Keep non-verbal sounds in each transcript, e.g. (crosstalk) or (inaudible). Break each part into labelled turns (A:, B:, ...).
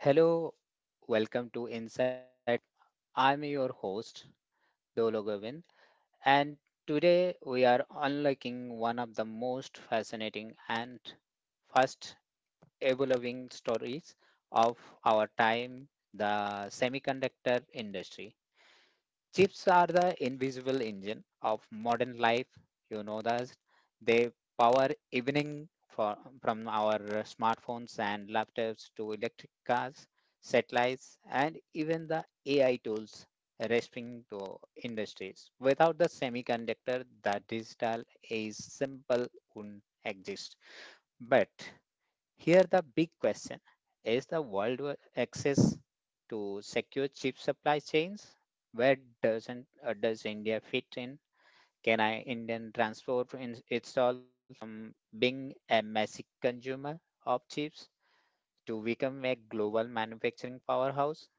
A: Hello, welcome to Inside. I'm your host, Dolo Govind, and today we are unlocking one of the most fascinating and fast evolving stories of our time the semiconductor industry. Chips are the invisible engine of modern life. You know that they power evening for, from our smartphones and laptops to electric cars, satellites, and even the AI tools responding to industries. Without the semiconductor, the digital age simple wouldn't exist. But here, the big question is the world access to secure chip supply chains? Where doesn't does India fit in? Can I Indian transport in itself from being a massive consumer of chips to become a global manufacturing powerhouse?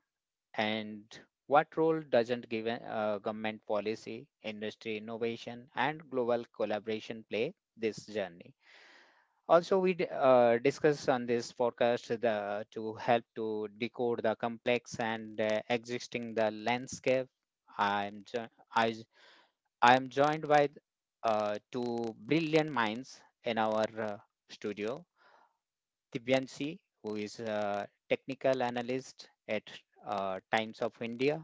A: And what role doesn't given government policy, industry innovation, and global collaboration play this journey? Also we discuss on this podcast the, to help to the complex and existing the landscape. I'm jo- i i'm joined by two brilliant minds in our studio, Divyanshi, who is a technical analyst at Times of India,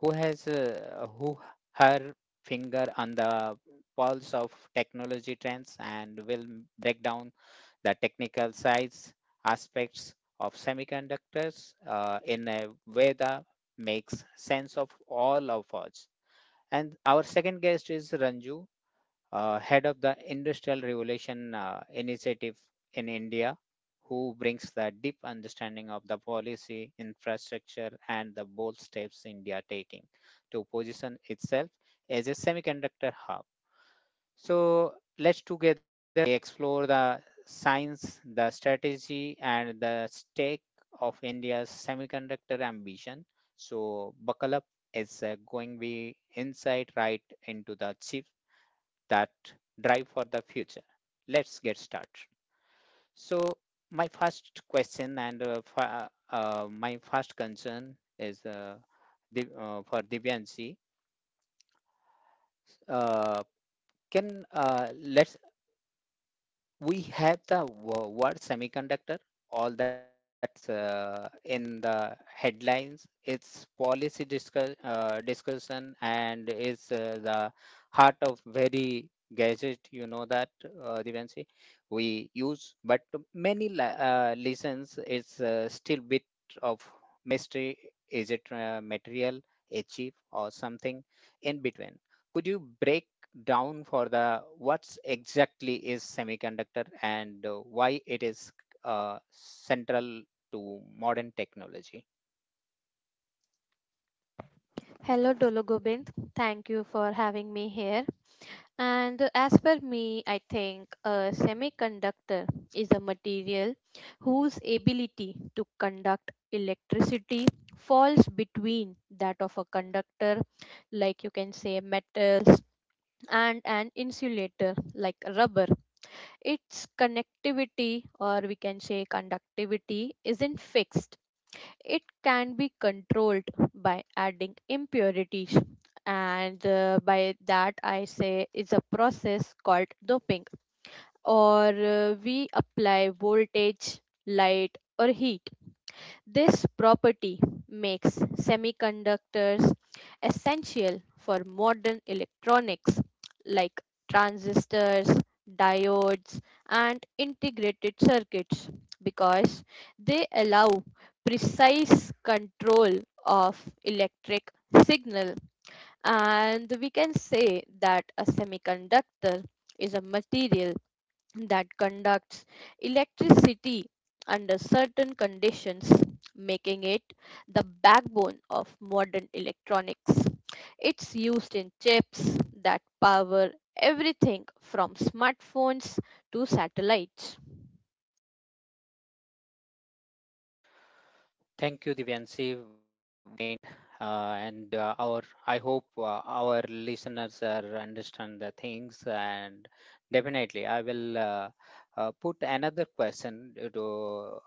A: who has who her finger on the pulse of technology trends and will break down the technical size aspects of semiconductors in a way that makes sense of all of us. And our second guest is Ranju, head of the Industrial Revolution Initiative in India, who brings the deep understanding of the policy, infrastructure, and the bold steps India taking to position itself as a semiconductor hub. So let's together we explore the science, the strategy, and the stake of India's semiconductor ambition. So, buckle up is going to be insight right into the chips that drive for the future. Let's get started. So, my first question and my first concern is for Divyanshi. Uh, can let's we have the word semiconductor all the that's in the headlines. It's policy discussion and it's the heart of very gadget. You know that, Divanshi, we use, but many lessons it's still bit of mystery. Is it material, a chip, or something in between? Could you break down for the what's exactly is semiconductor and why it is central to modern technology.
B: Hello, Dolo Gobind. Thank you for having me here. And as per me, I think a semiconductor is a material whose ability to conduct electricity falls between that of a conductor, like you can say metals, and an insulator, like rubber. Its connectivity, or we can say conductivity, isn't fixed. It can be controlled by adding impurities, and by that I say it's a process called doping, or we apply voltage, light, or heat. This property makes semiconductors essential for modern electronics like transistors, diodes, and integrated circuits because they allow precise control of electric signal. And we can say that a semiconductor is a material that conducts electricity under certain conditions, making it the backbone of modern electronics. It's used in chips that power everything from smartphones to satellites.
A: Thank you, Divyanshi. And our I hope our listeners are understand the things and definitely I will put another question to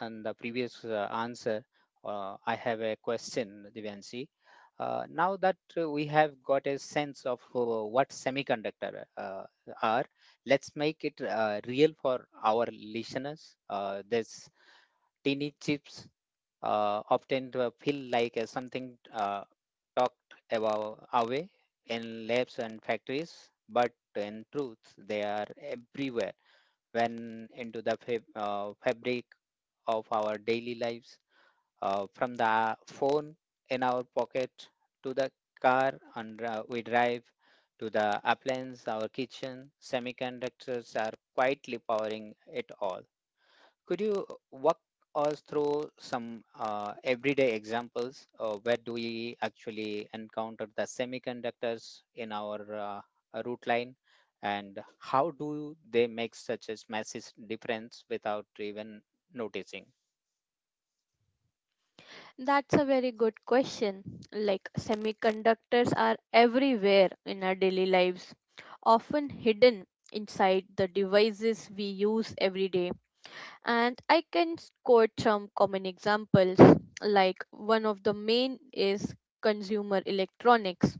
A: on the previous answer. I have a question, Divyanshi. Now that we have got a sense of what semiconductor are, let's make it real for our listeners. This tiny chips often feel like something talked about away in labs and factories, but in truth, they are everywhere when into the fabric of our daily lives, from the phone in our pocket to the car and we drive to the appliance, our kitchen, semiconductors are quietly powering it all. Could you walk us through some everyday examples? Where do we actually encounter the semiconductors in our route line, and how do they make such a massive difference without even noticing?
B: That's a very good question. Like, semiconductors are everywhere in our daily lives, often hidden inside the devices we use every day. And quote some common examples. Like, one of the main is consumer electronics,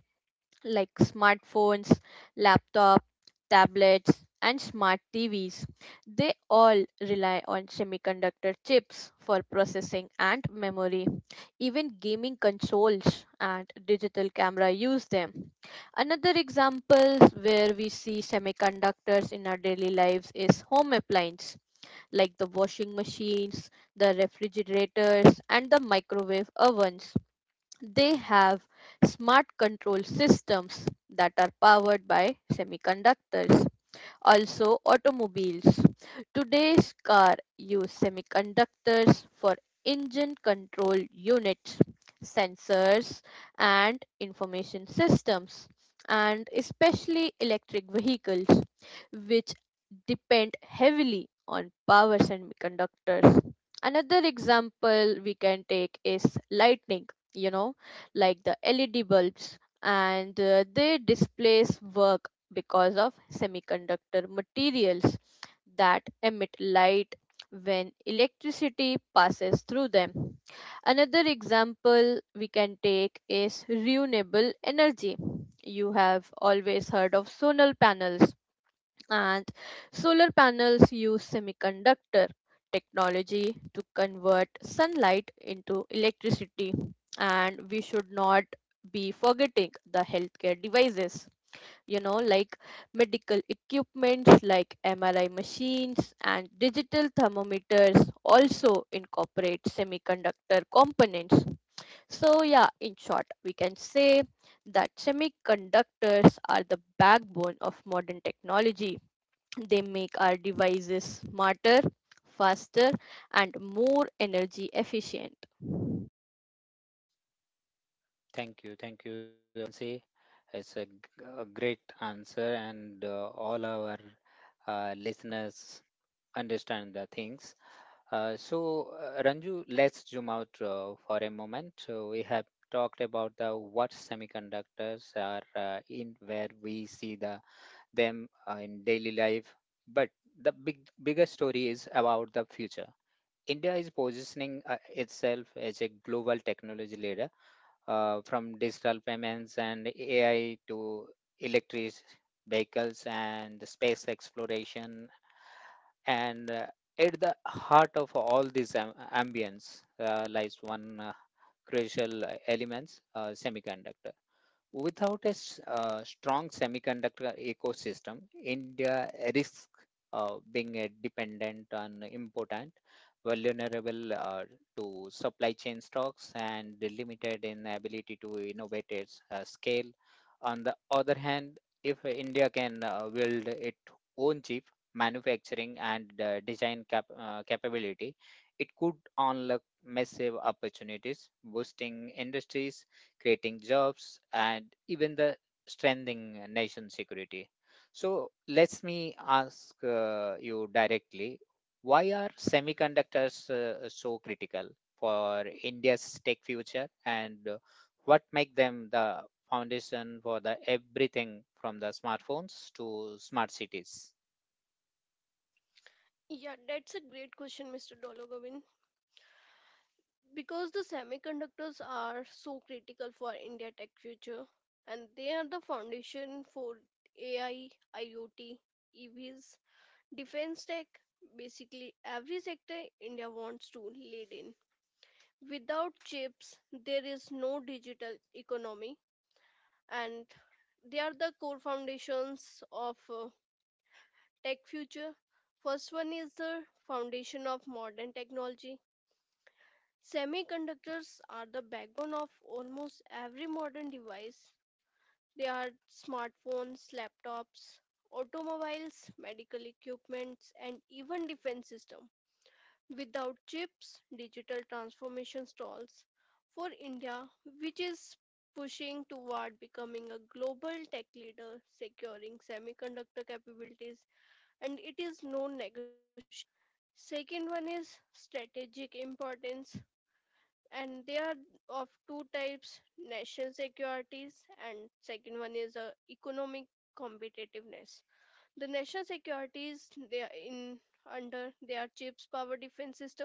B: like smartphones, laptop, tablets, and smart TVs. They all rely on semiconductor chips for processing and memory. Even gaming consoles and digital camera use them. Another examples where we see semiconductors in our daily lives is home appliance like the washing machines, the refrigerators, and the microwave ovens. They have smart control systems that are powered by semiconductors. Also, automobiles. Today's car use semiconductors for engine control units, sensors, and information systems, and especially electric vehicles, which depend heavily on power semiconductors. Another example we can take is lightning, you know, like the LED bulbs, and they displace work because of semiconductor materials that emit light when electricity passes through them. Another example we can take is renewable energy. You have always heard of solar panels, and solar panels use semiconductor technology to convert sunlight into electricity. And we should not be forgetting the healthcare devices, you know, like medical equipments like MRI machines and digital thermometers also incorporate semiconductor components. So, yeah, in short, we can say that semiconductors are the backbone of modern technology. They make our devices smarter, faster, and more energy efficient.
A: Thank you, Nancy. It's a great answer, and all our listeners understand the things. So, Ranju, let's zoom out for a moment. So we have talked about the what semiconductors are in, where we see the them in daily life. But the bigger story is about the future. India is positioning as a global technology leader from digital payments and AI to electric vehicles and the space exploration. And at the heart of all these ambience lies one crucial elements, semiconductor. Without a strong semiconductor ecosystem, India risks being a dependent on important, vulnerable to supply chain shocks, and limited in ability to innovate its scale. On the other hand, if India can build its own chip manufacturing and design capability, it could unlock massive opportunities, boosting industries creating jobs, and even the strengthening nation security. So let me ask you directly, why are semiconductors so critical for India's tech future, and what make them the foundation for the everything from the smartphones to smart cities?
C: Yeah, that's a great question, Mr. Dologovin. Because the semiconductors are so critical for India tech future, and they are the foundation for AI, IoT, EVs, defense tech, basically every sector India wants to lead in. Without chips, there is no digital economy, and they are the core foundations of tech future. First one is the foundation of modern technology. Semiconductors are the backbone of almost every modern device. They are smartphones, laptops, automobiles, medical equipments, and even defense systems. Without chips, digital transformation stalls. For India, which is pushing toward becoming a global tech leader, securing semiconductor capabilities, and it is no negotiable. Second one is strategic importance, and they are of two types: national securities, and second one is economic competitiveness. The national securities, they are in under, they are ships power defense system,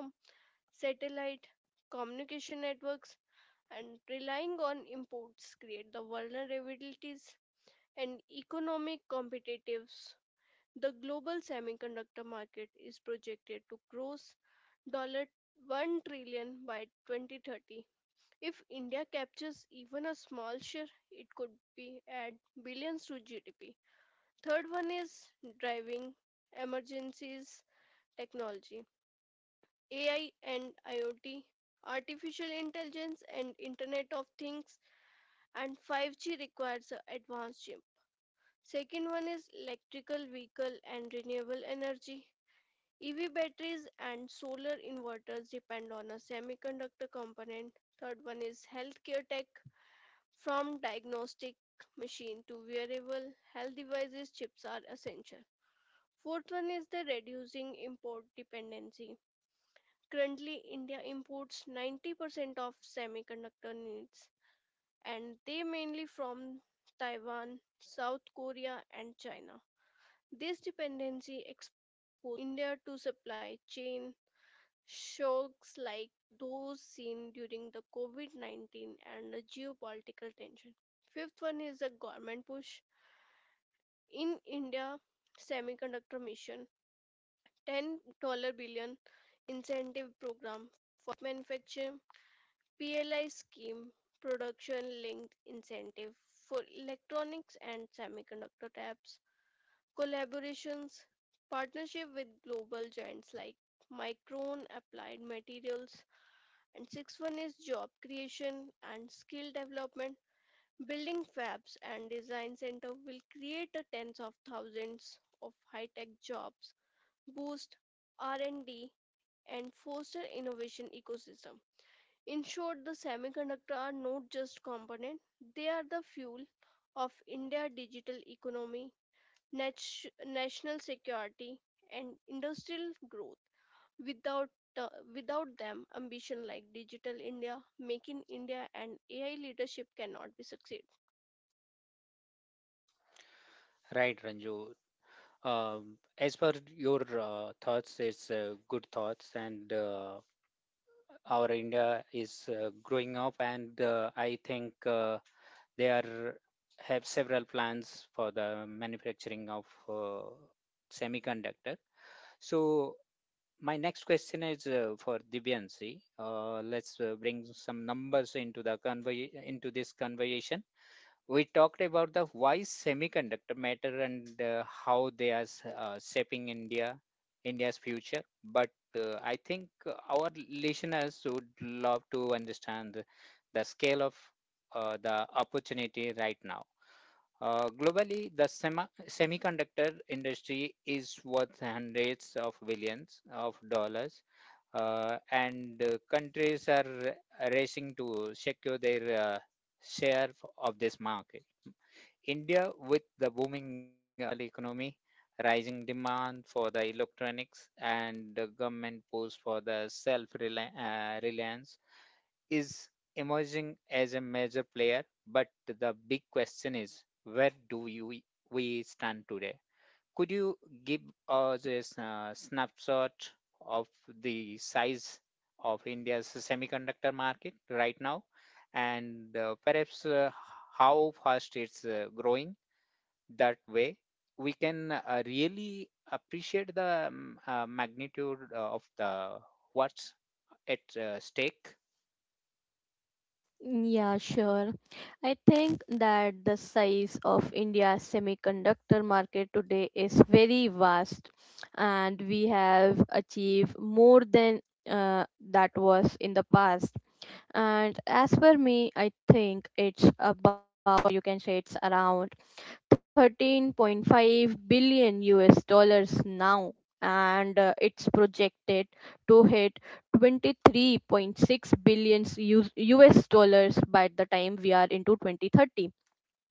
C: satellite, communication networks, and relying on imports create the vulnerabilities. And economic competitiveness, the global semiconductor market is projected to gross dollar 1 trillion by 2030. If India captures even a small share, it could be add billions to GDP. Third one is driving emergencies technology. AI and IoT, artificial intelligence and Internet of Things, and 5G requires a advanced chip. Second one is electrical vehicle and renewable energy. EV batteries and solar inverters depend on a semiconductor component. Third one is healthcare tech. From diagnostic machine to wearable health devices, chips are essential. Fourth one is the reducing import dependency. Currently, India imports 90% of semiconductor needs, and they mainly from Taiwan, South Korea, and China. This dependency exposed India to supply chain shocks like those seen during the COVID 19 and the geopolitical tension. Fifth one is the government push. In India, semiconductor mission, $10 billion incentive program for manufacture, PLI scheme, production linked incentive for electronics and semiconductor tabs, collaborations, partnership with global giants like Micron Applied Materials, and sixth one is job creation and skill development. Building fabs and design center will create a tens of thousands of high-tech jobs, boost R&D and D, and foster innovation ecosystem. In short, the semiconductor are not just component, they are the fuel of India's digital economy, national security, and industrial growth. Without uh, without them, ambition like Digital India, making India, and AI leadership cannot be succeed.
A: Right, Ranju. As per your thoughts, it's good thoughts, and our India is growing up, and I think they are have several plans for the manufacturing of semiconductor. So my next question is for Divyansi. Let's bring some numbers into the into this conversation. We talked about the why semiconductor matter and how they are shaping India's future, but I think our listeners would love to understand the scale of the opportunity right now. Globally, the semiconductor industry is worth hundreds of billions of dollars, and countries are racing to secure their share of this market. India, with the booming economy, rising demand for the electronics, and the government push for the self-reliance, is emerging as a major player, but the big question where do you we stand today? Could you give us a snapshot of the size of India's semiconductor market right now, and perhaps how fast it's growing? That way, we can really appreciate the magnitude of the what's at stake.
B: Yeah, sure. I think that the size of India's semiconductor market today is very vast, and we have achieved more than uh, that was in the past. And as for me, I think it's about, you can say it's around 13.5 billion US dollars now, and it's projected to hit 23.6 billion US dollars by the time we are into 2030.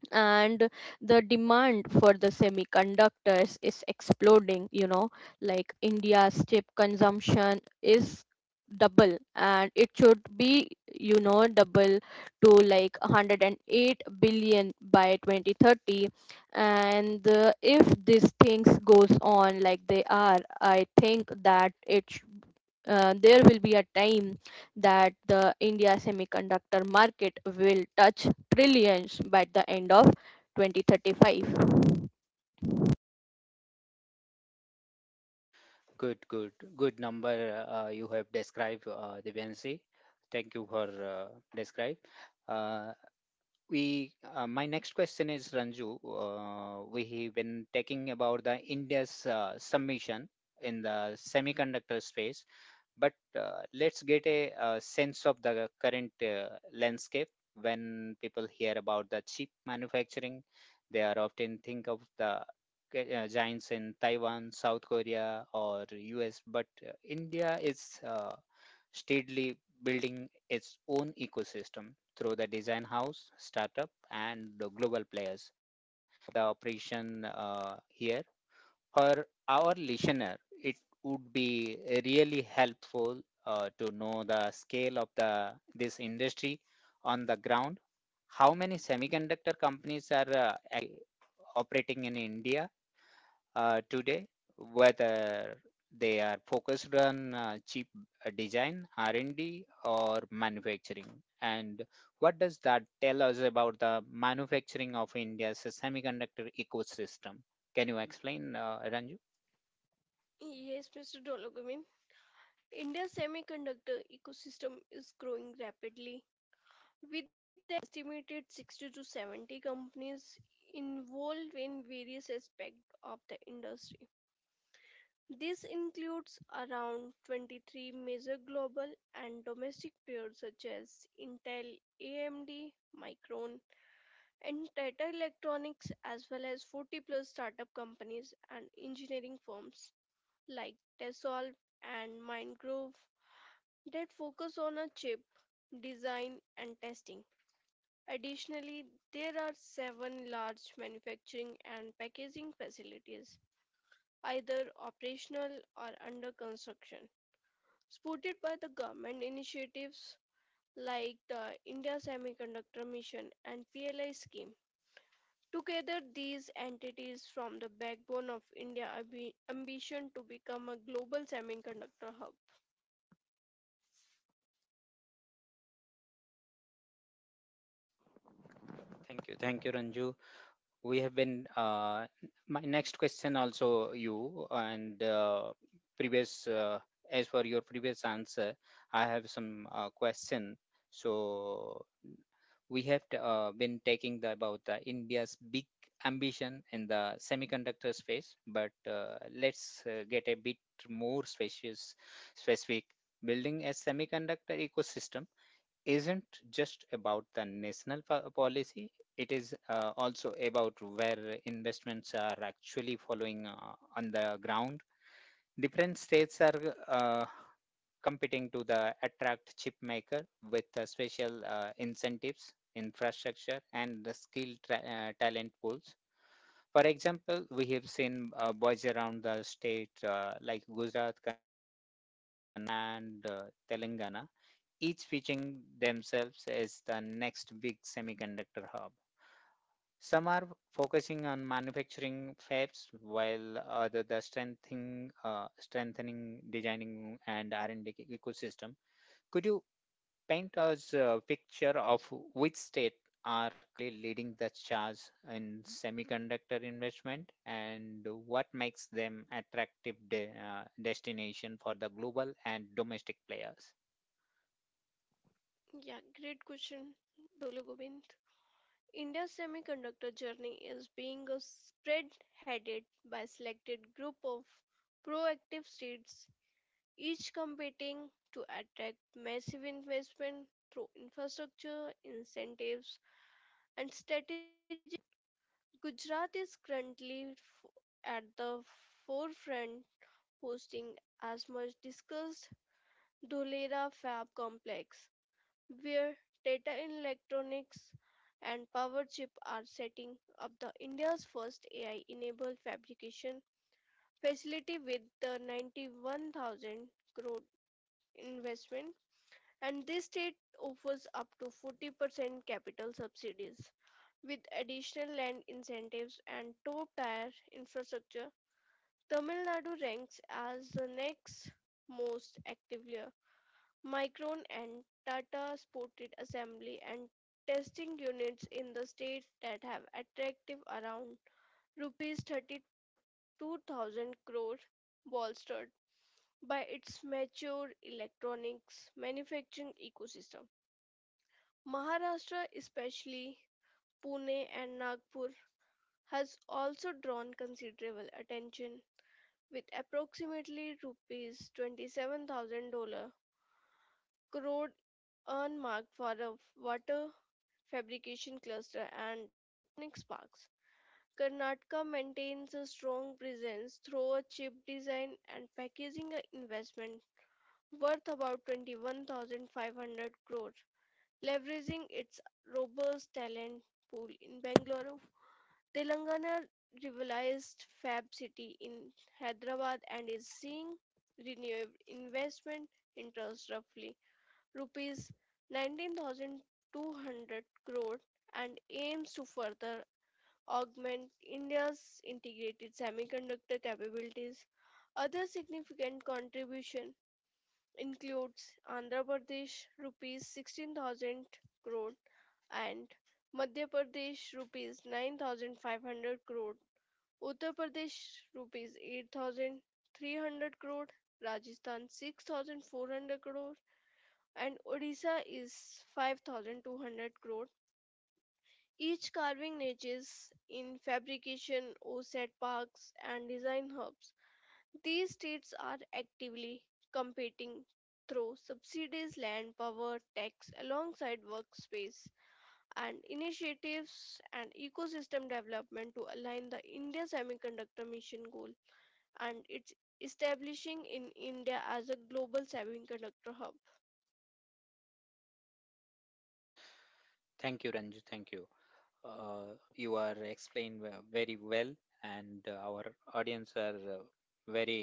B: And the demand for the semiconductors is exploding, you know. Like, India's chip consumption is double, and it should be, you know, double to like 108 billion by 2030. And if these things goes on like they are, I think that it there will be a time that the India semiconductor market will touch trillions by the end of 2035.
A: Good, good, good number you have described, Divyansi. Thank you for describe. Uh, my next question is Ranju. We have been talking about the India's submission in the semiconductor space, but let's get a, sense of the current landscape. When people hear about the chip manufacturing they are often think of the giants in Taiwan, South Korea, or US, but India is steadily building its own ecosystem through the design house startup and the global players the operation here. For our listener, it would be really helpful to know the scale of the this industry on the ground. How many semiconductor companies are ac- operating in India today? Whether they are focused on cheap design, R&D, or manufacturing, and what does that tell us about the manufacturing of India's semiconductor ecosystem? Can you explain, Ranju?
C: Yes, Mr. Dologumin, India's semiconductor ecosystem is growing rapidly. With the estimated 60 to 70 companies involved in various aspects of the industry. This includes around 23 major global and domestic players such as Intel, AMD, Micron, and Tata Electronics, as well as 40 plus startup companies and engineering firms like Tesol and Mindgrove that focus on a chip design and testing. Additionally, there are seven large manufacturing and packaging facilities, either operational or under construction, supported by the government initiatives like the India Semiconductor Mission and PLI scheme. Together, these entities form the backbone of India's ambition to become a global semiconductor hub.
A: Thank you. Thank you, Ranju. We have been my next question also you and previous as for your previous answer I have some question. So we have been taking the about the India's big ambition in the semiconductor space, but let's get a more spacious specific building a semiconductor ecosystem isn't just about the national policy, it is also about where investments are actually following on the ground. Different states are competing to the attract chip maker with special incentives, infrastructure, and the skilled talent pools. For example, we have seen boys around the state like Gujarat, and Telangana, each pitching themselves as the next big semiconductor hub. Some are focusing on manufacturing fabs, while other the strengthening, designing, and R&D ecosystem. Could you paint us a picture of which state are currently leading the charge in semiconductor investment, and what makes them attractive destination for the global and domestic players?
C: Yeah, great question, Dolo Govind. India's semiconductor journey is being a spread headed by selected group of proactive states, each competing to attract massive investment through infrastructure, incentives, and strategic. Gujarat is currently at the forefront, hosting as much discussed Dholera Fab Complex where Tata Electronics and Powerchip are setting up the India's first AI-enabled fabrication facility with the 91,000 crore investment, and this state offers up to 40% capital subsidies with additional land incentives and top tier infrastructure. Tamil Nadu ranks as the next most actively. Micron and Tata sported assembly and testing units in the state that have attractive around rupees 32,000 crore, bolstered by its mature electronics manufacturing ecosystem. Maharashtra, especially Pune and Nagpur, has also drawn considerable attention with approximately rupees 27,000 crore earmarked for a water fabrication cluster and ethnic sparks. Karnataka maintains a strong presence through a chip design and packaging investment worth about 21,500 crore, leveraging its robust talent pool in Bangalore. Telangana revitalized Fab City in Hyderabad and is seeing renewed investment interest roughly rupees 19,200 crore and aims to further augment India's integrated semiconductor capabilities. Other significant contribution includes Andhra Pradesh rupees 16,000 crore, and Madhya Pradesh rupees 9,500 crore, Uttar Pradesh rupees 8,300 crore, Rajasthan 6,400 crore, and Odisha is 5,200 crore, each carving niches in fabrication offset parks and design hubs. These states are actively competing through subsidies, land power, tax, alongside workspace and initiatives and ecosystem development to align the India semiconductor mission goal, and its establishing in India as a global semiconductor hub.
A: Thank you, Ranju. Thank you. You are explained very well, and our audience are very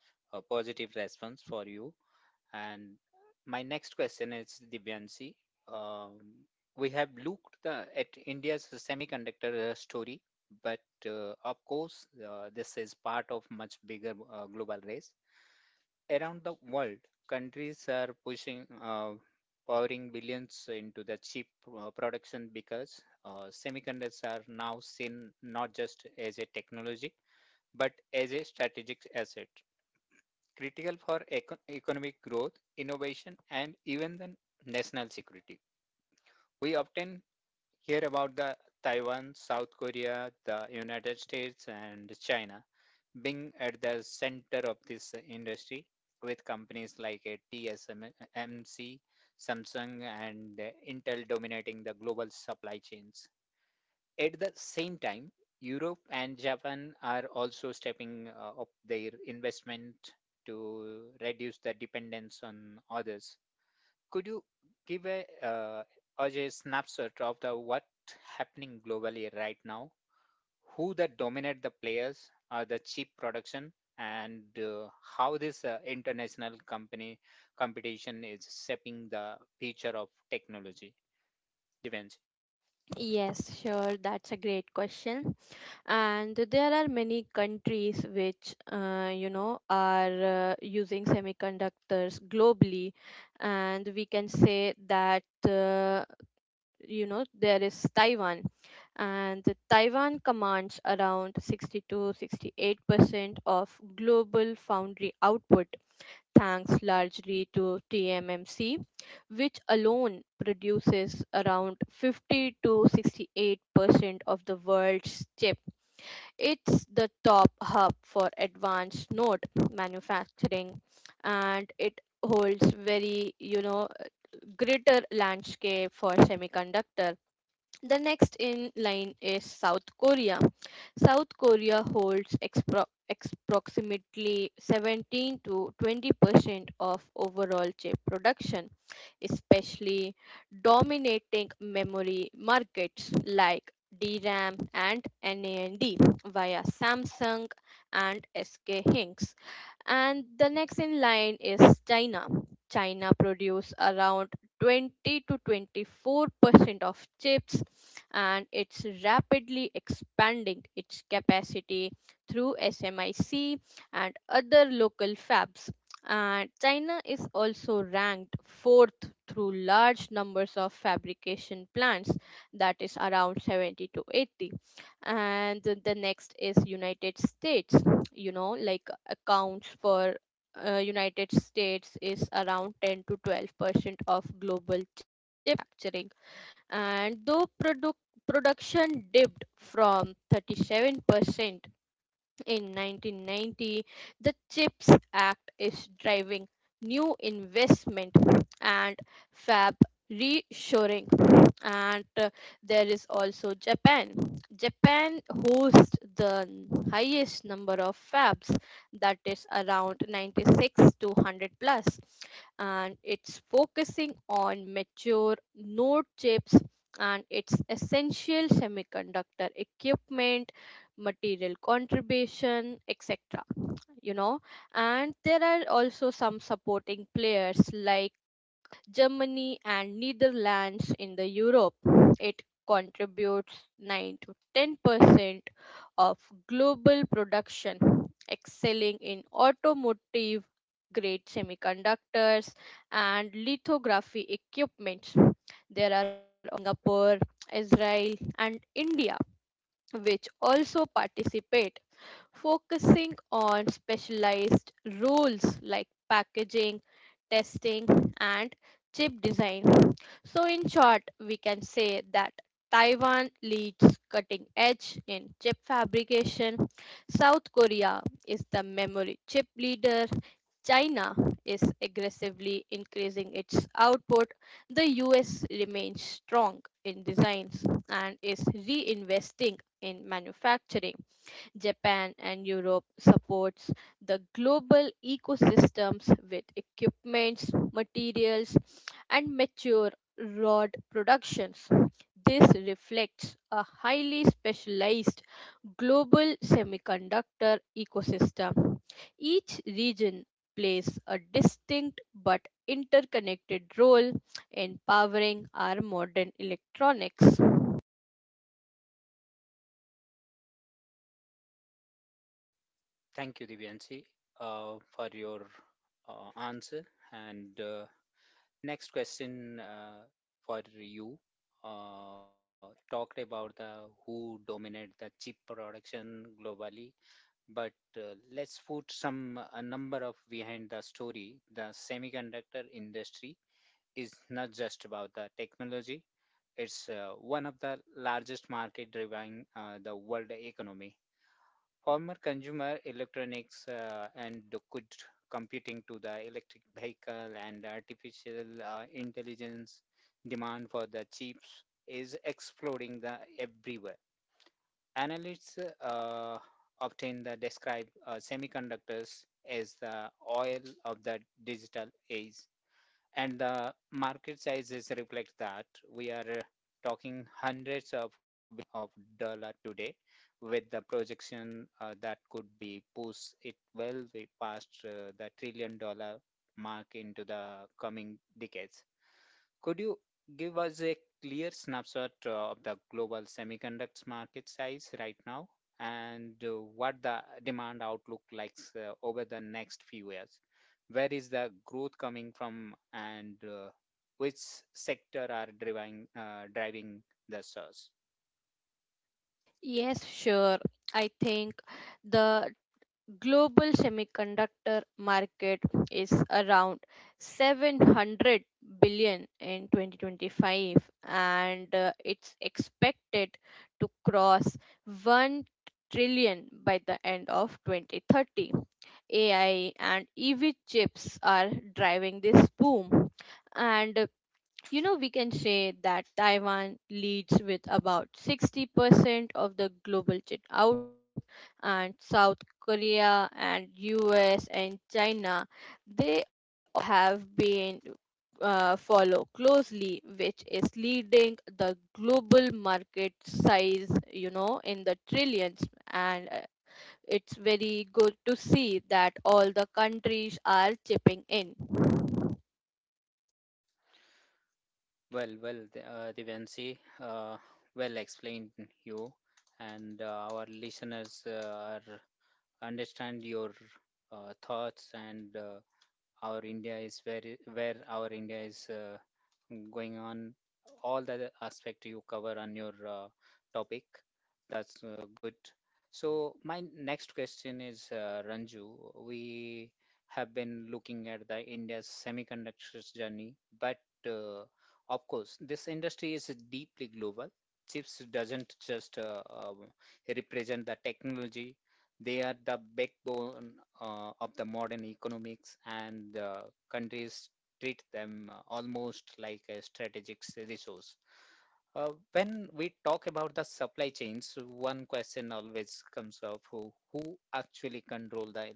A: positive response for you. And my next question is Divyanshi. Um, we have looked the, at India's semiconductor story, but of course, this is part of much bigger global race. Around the world, countries are pouring billions into the chip production because semiconductors are now seen not just as a technology but as a strategic asset, critical for economic growth, innovation, and even the national security. We often hear about the Taiwan, South Korea, the United States, and China being at the center of this industry with companies like TSMC, Samsung, and Intel dominating the global supply chains. At the same time, Europe and Japan are also stepping up their investment to reduce the dependence on others. Could you give a us a snapshot of the what happening globally right now? Who that dominate the players are the cheap production and how this international company competition is shaping the future of technology. Events?
B: Yes, sure, that's a great question. And there are many countries which you know are using semiconductors globally, and we can say that, uh, you know, there is Taiwan. And Taiwan commands around 60 to 68% of global foundry output, thanks largely to TMMC, which alone produces around 50 to 68% of the world's. It's the top hub for advanced node manufacturing, and it holds very, you know, greater landscape for semiconductor. The next in line is South Korea. South Korea holds approximately 17 to 20% of overall chip production, especially dominating memory markets like DRAM and NAND via Samsung and SK Hynix. And the next in line is China. China produce around 20 to 24% of chips, and it's rapidly expanding its capacity through SMIC and other local fabs. And China is also ranked fourth through large numbers of fabrication plants, that is around 70 to 80. And the next is United States. You know, like, accounts for, United States is around 10 to 12% of global chip manufacturing. And though product production dipped from 37% in 1990, the CHIPS Act is driving new investment and fab reshoring. And there is also Japan. Japan hosts the highest number of fabs, that is around 96 to 100 plus, and it's focusing on mature node chips and its essential semiconductor equipment material contribution, etc. You know, and there are also some supporting players like Germany and Netherlands in the Europe. It contributes 9 to 10% of global production, excelling in automotive grade semiconductors and lithography equipment. There are Singapore, Israel, and India which also participate, focusing on specialized roles like packaging, testing, and chip design. So, in short, we can say that Taiwan leads cutting edge in chip fabrication, South Korea is the memory chip leader. China is aggressively increasing its output. The US remains strong in designs and is reinvesting in manufacturing. Japan and Europe supports the global ecosystems with equipments, materials, and mature rod productions. This reflects a highly specialized global semiconductor ecosystem. Each region plays a distinct but interconnected role in powering our modern electronics.
A: Thank you, Divyanshi, for your answer. And next question for you uh, talked about the who dominate the chip production globally, but let's put some a number of behind the story. The semiconductor industry is not just about the technology. It's one of the largest market driving the world economy. Former consumer electronics and the good computing to the electric vehicle artificial intelligence demand for the chips is exploding the everywhere. Analysts often the describe semiconductors as the oil of the digital age, and the market sizes reflect that. We are talking hundreds of dollar today, with the projection that could be push it well way past the $1 trillion mark into the coming decades. Could you give us a clear snapshot of the global semiconductor market size right now, and what the demand outlook likes over the next few years? Where is the growth coming from, and which sector are driving the surge?
B: Yes, sure. I think the global semiconductor market is around 700 billion in 2025, and it's expected to cross 1 trillion by the end of 2030. AI and EV chips are driving this boom. And you know, we can say that Taiwan leads with about 60% of the global chip out, and South Korea and US and China, they have been follow closely, which is leading the global market size, you know, in the trillions. And it's very good to see that all the countries are chipping in.
A: Well, Divyanshi, well explained you, and our listeners are understand your thoughts, and our India is where our India is going on. All the other aspect you cover on your uh, topic. That's good. So my next question is Ranju. We have been looking at the India's semiconductors journey, but uh, of course, this industry is deeply global. Chips doesn't just represent the technology; they are the backbone of the modern economics, and countries treat them almost like a resource. When we talk about the supply chains, one question always comes up: who actually control the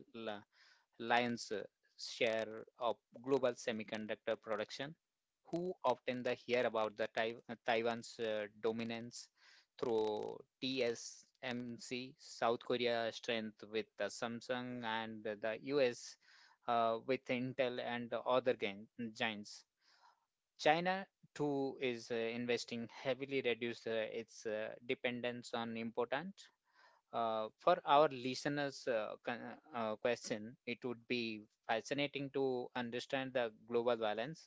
A: lion's share of global semiconductor production? Who often the hear about the Taiwan's dominance through TSMC, South Korea strength with the Samsung, and the US with Intel and the other giants. China too is investing heavily reduce its dependence on important. For our listeners' question, it would be fascinating to understand the global balance.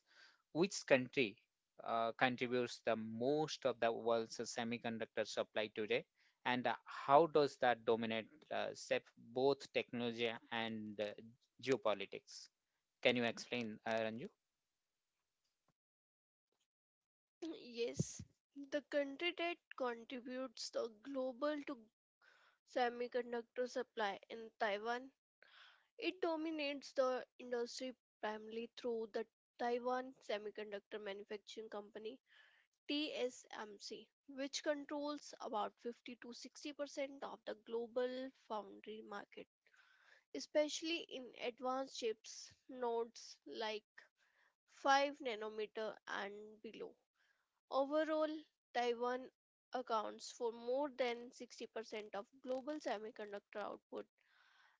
A: Which country contributes the most of the world's semiconductor supply today, and how does that dominate shape both technology and geopolitics? Can you explain, Ranju?
C: (clears throat) Yes, the country that contributes the global to semiconductor supply in Taiwan. It dominates the industry primarily through the Taiwan Semiconductor Manufacturing Company TSMC, which controls about 50 to 60% of the global foundry market, especially in advanced chips nodes like 5 nanometer and below. Overall, Taiwan accounts for more than 60% of global semiconductor output,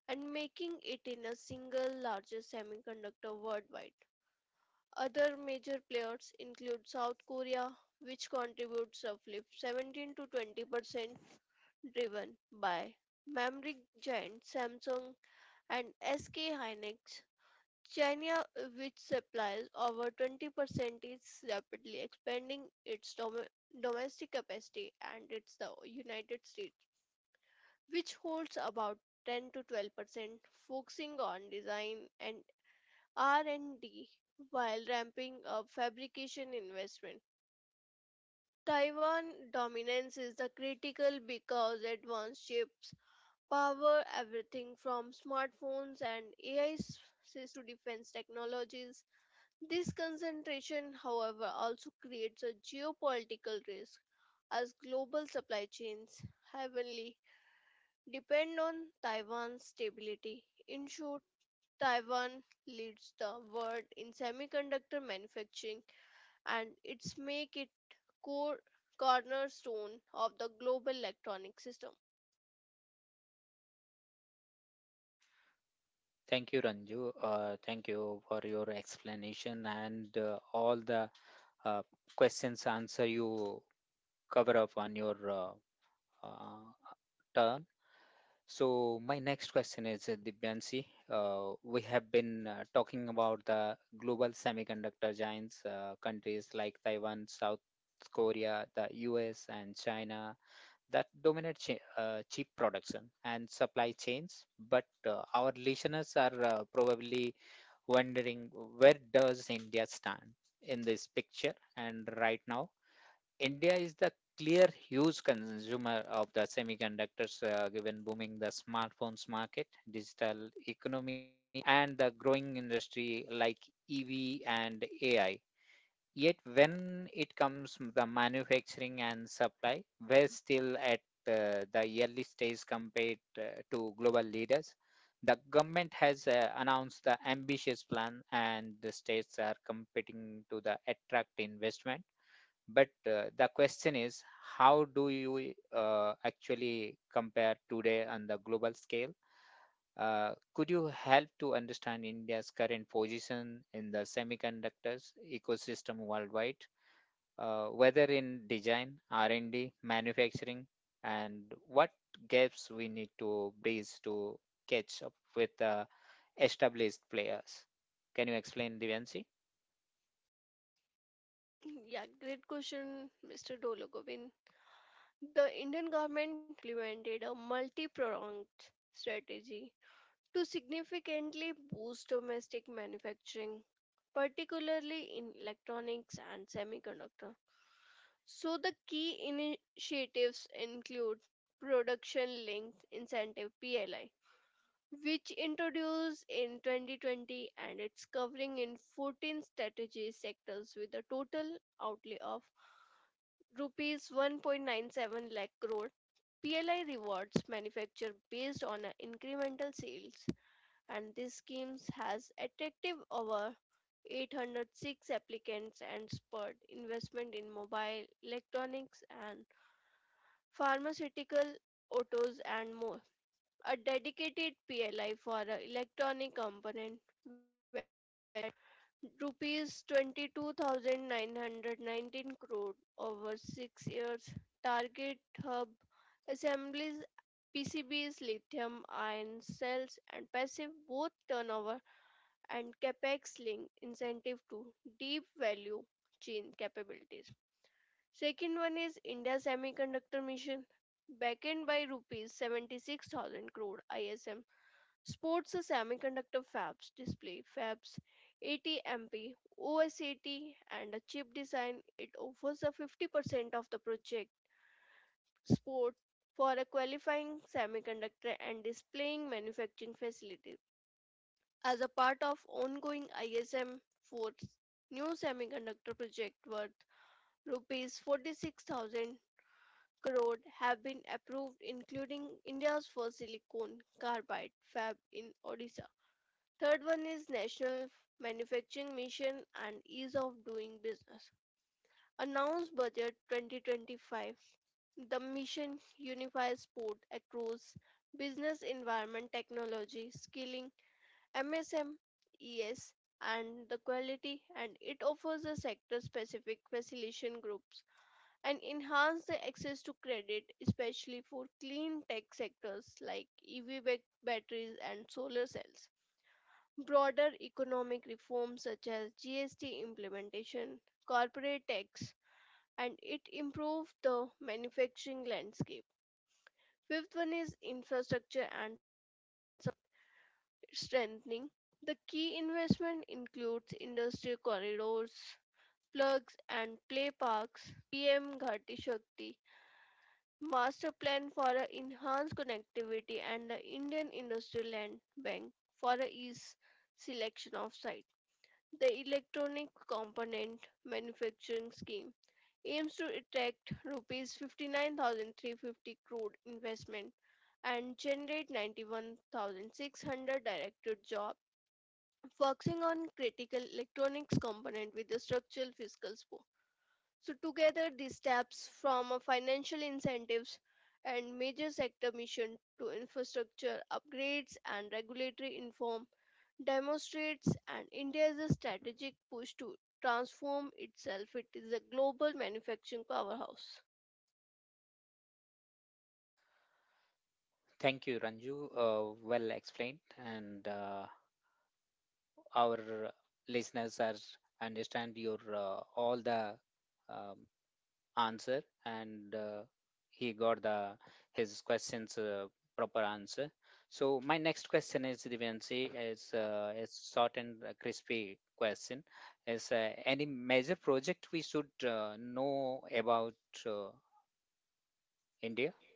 C: and making it in a single largest semiconductor worldwide. Other major players include South Korea, which contributes roughly 17 to 20%, driven by memory giant Samsung and SK Hynix. China, which supplies over 20%, is rapidly expanding its domestic capacity, and it's the United States which holds about 10 to 12%, focusing on design and R&D while ramping up fabrication investment. Taiwan dominance is the critical because advanced chips power everything from smartphones and AI systems to defense technologies. This concentration, however, also creates a geopolitical risk as global supply chains heavily depend on Taiwan's stability. In short, Taiwan leads the world in semiconductor manufacturing and it's make it core cornerstone of the global electronic system.
A: Thank you, Ranju. Thank you for your explanation, and all the uh, questions answer you cover up on your uh, turn. So my next question is Dibyansi. We have been talking about the global semiconductor giants, countries like Taiwan, South Korea, the US, and China that dominate chip production and supply chains. But our listeners are probably wondering, where does India stand in this picture? And right now, India is the clear huge consumer of the semiconductors, given booming the smartphones market, digital economy, and the growing industry like EV and AI. Yet, when it comes to the manufacturing and supply, we're still at the early stage compared to global leaders. The government has announced the ambitious plan, and the states are competing to the attract investment, but the question is, how do you actually compare today on the global scale? Could you help to understand India's current position in the semiconductors ecosystem worldwide, whether in design, R&D, manufacturing, and what gaps we need to bridge to catch up with the established players? Can you explain, Divyanshi?
C: (clears throat) Yeah, great question, Mr. Dolagobin. The Indian government implemented a multi-pronged strategy to significantly boost domestic manufacturing, particularly in electronics and semiconductor. So, the key initiatives include Production Linked Incentive PLI, which introduced in 2020, and it's covering in 14 strategy sectors with a total outlay of rupees 1.97 lakh crore. PLI rewards manufacture based on a incremental sales, and these schemes has attractive over 806 applicants and spurred investment in mobile, electronics and pharmaceutical, autos and more. A dedicated PLI for a electronic component rupees 22,919 crore over 6 years target hub assemblies PCBs, lithium ion cells, and passive both turnover and capex link incentive to deep value chain capabilities. Second one is India Semiconductor Mission, backed by rupees 76,000 crore ISM, sports semiconductor fabs display fabs 80 MP OSAT and a chip design. It offers a 50% of the project sports for a qualifying semiconductor and displaying manufacturing facilities. As a part of ongoing ISM 4's new semiconductor project worth rupees 46,000 crore have been approved, including India's first silicon carbide fab in Odisha. Third one is National Manufacturing Mission and Ease of Doing Business. Announced budget 2025, the mission unifies sport across business environment technology, skilling, MSM, ES, and the quality, and it offers the sector specific facilitation groups and enhance the access to credit, especially for clean tech sectors like EV batteries and solar cells. Broader economic reforms such as GST implementation, corporate tax, and it improved the manufacturing landscape. Fifth one is infrastructure and strengthening. The key investment includes industrial corridors, plugs and play parks, PM Ghati Shakti, master plan for enhanced connectivity, and the Indian Industrial Land Bank for a ease selection of site. The electronic component manufacturing scheme aims to attract rupees 59,350 crore investment and generate 91,600 direct job, focusing on critical electronics component with the structural fiscal support. So together these steps from a financial incentives and major sector mission to infrastructure upgrades and regulatory reform demonstrates and India's strategic push to transform itself. It is a global manufacturing powerhouse.
A: Thank you, Ranju. Well explained, and. Our listeners are understand your all the um, answer, and he got the his questions proper answer. So my next question is Divyanshi, is short and crispy question, is any major project we should know about, uh, India?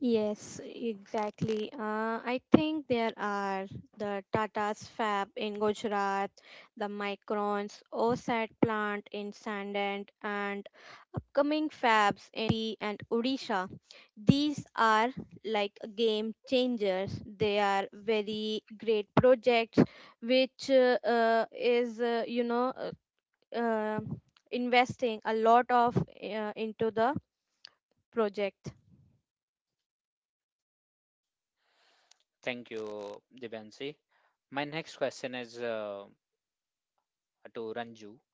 B: Yes, exactly. I think there are the Tata's fab in Gujarat, the Micron's OSAT plant in Sandand, and upcoming fabs in MP and Odisha. These are like game changers. They are very great projects, which is, you know, uh, investing a lot of into the project.
A: Thank you, Divyanshi. My next question is to Ranju.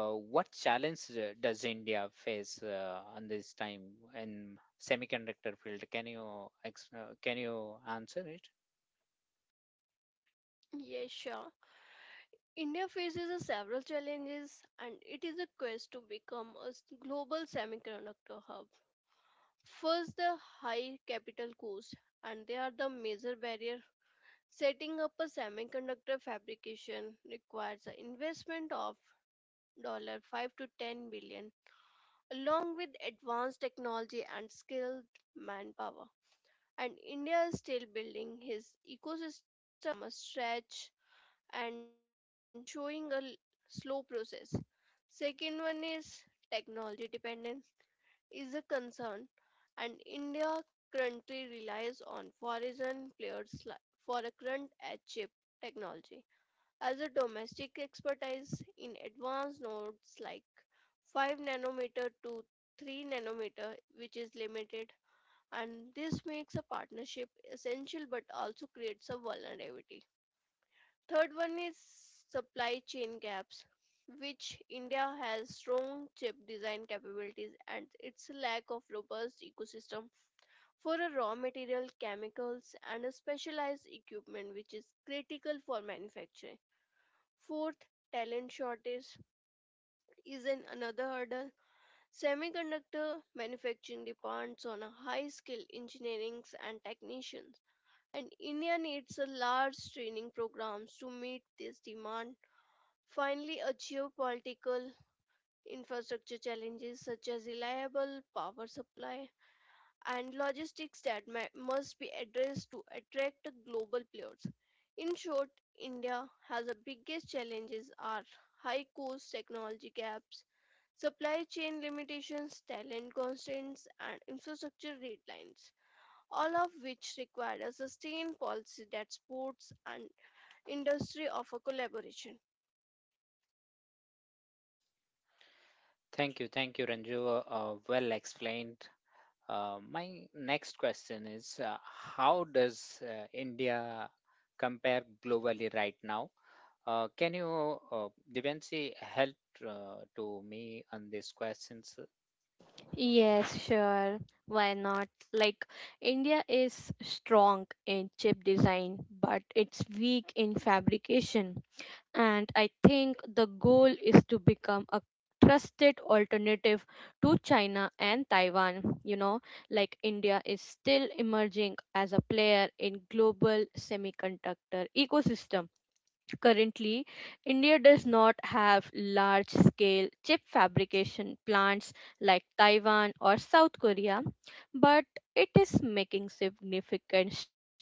A: What challenge does India face on this time in semiconductor field? Can you can you answer it?
C: Yes, sure. India faces a several challenges and it is a quest to become a global semiconductor hub. First, the high capital cost, and they are the major barrier. Setting up a semiconductor fabrication requires an investment of dollar 5 to 10 billion, along with advanced technology and skilled manpower. And India is still building his ecosystem from a stretch, and showing a slow process. Second one is technology dependence is a concern, and India currently relies on foreign players for a current edge chip technology. As a domestic expertise in advanced nodes like 5 nanometer to 3 nanometer, which is limited, and this makes a partnership essential but also creates a vulnerability. Third one is supply chain gaps, which India has strong chip design capabilities and its lack of robust ecosystem for a raw material, chemicals, and a specialized equipment which is critical for manufacturing. Fourth, talent shortage is an another hurdle. Semiconductor manufacturing depends on a high skilled engineering and technicians, and India needs a large training programs to meet this demand. Finally, a geopolitical infrastructure challenges such as reliable power supply and logistics that must be addressed to attract global players. In short, India has the biggest challenges are high cost technology gaps, supply chain limitations, talent constraints, and infrastructure red lines, all of which require a sustained policy that supports an industry of a collaboration.
A: Thank you, Ranju. Well explained. My next question is: how does India compare globally right now? Can you, Divyanshi, help to me on these questions?
B: Yes, sure. Why not? Like, India is strong in chip design, but it's weak in fabrication. And I think the goal is to become a trusted alternative to China and Taiwan. You know, like, India is still emerging as a player in global semiconductor ecosystem. Currently, India does not have large scale chip fabrication plants like Taiwan or South Korea, but it is making significant strides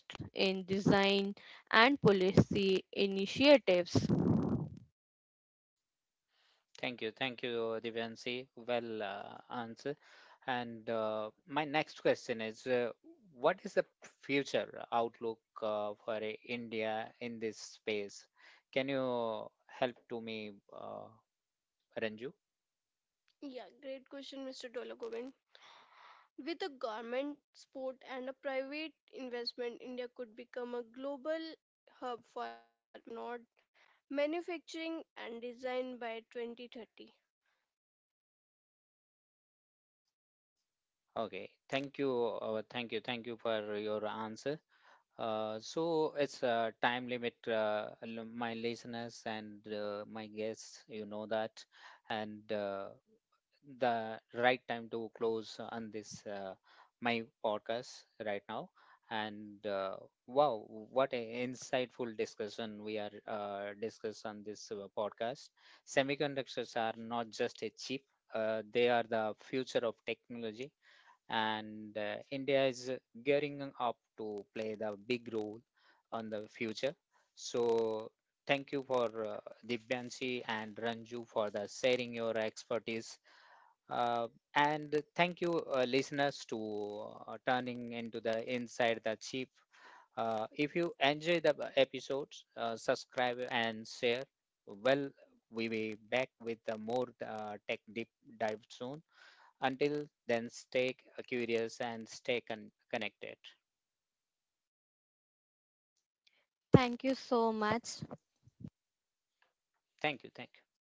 B: in design and policy initiatives.
A: Thank you, Divyansi. Well answer. And my next question is, what is the future outlook for India in this space? Can you help to me, uh, Ranju?
C: Yeah, great question, Mr. Dolagovind. With a government support and a private investment, India could become a global hub for node manufacturing and design by 2030.
A: Okay, thank you, thank you for your answer. So it's a time limit, my listeners and my guests, you know that, and. The right time to close on this my podcast right now, and wow, what an insightful discussion we are discuss on this podcast. Semiconductors are not just a chip, they are the future of technology, and India is gearing up to play the big role on the future. So thank you for Divyanshi and Ranju for the sharing your expertise, uh, and thank you, listeners, to turning into the Inside the Chief. If you enjoy the episodes, subscribe and share. Well, we will back with the more tech deep dive soon. Until then, stay curious and stay connected.
B: Thank you so much.
A: Thank you. Thank you.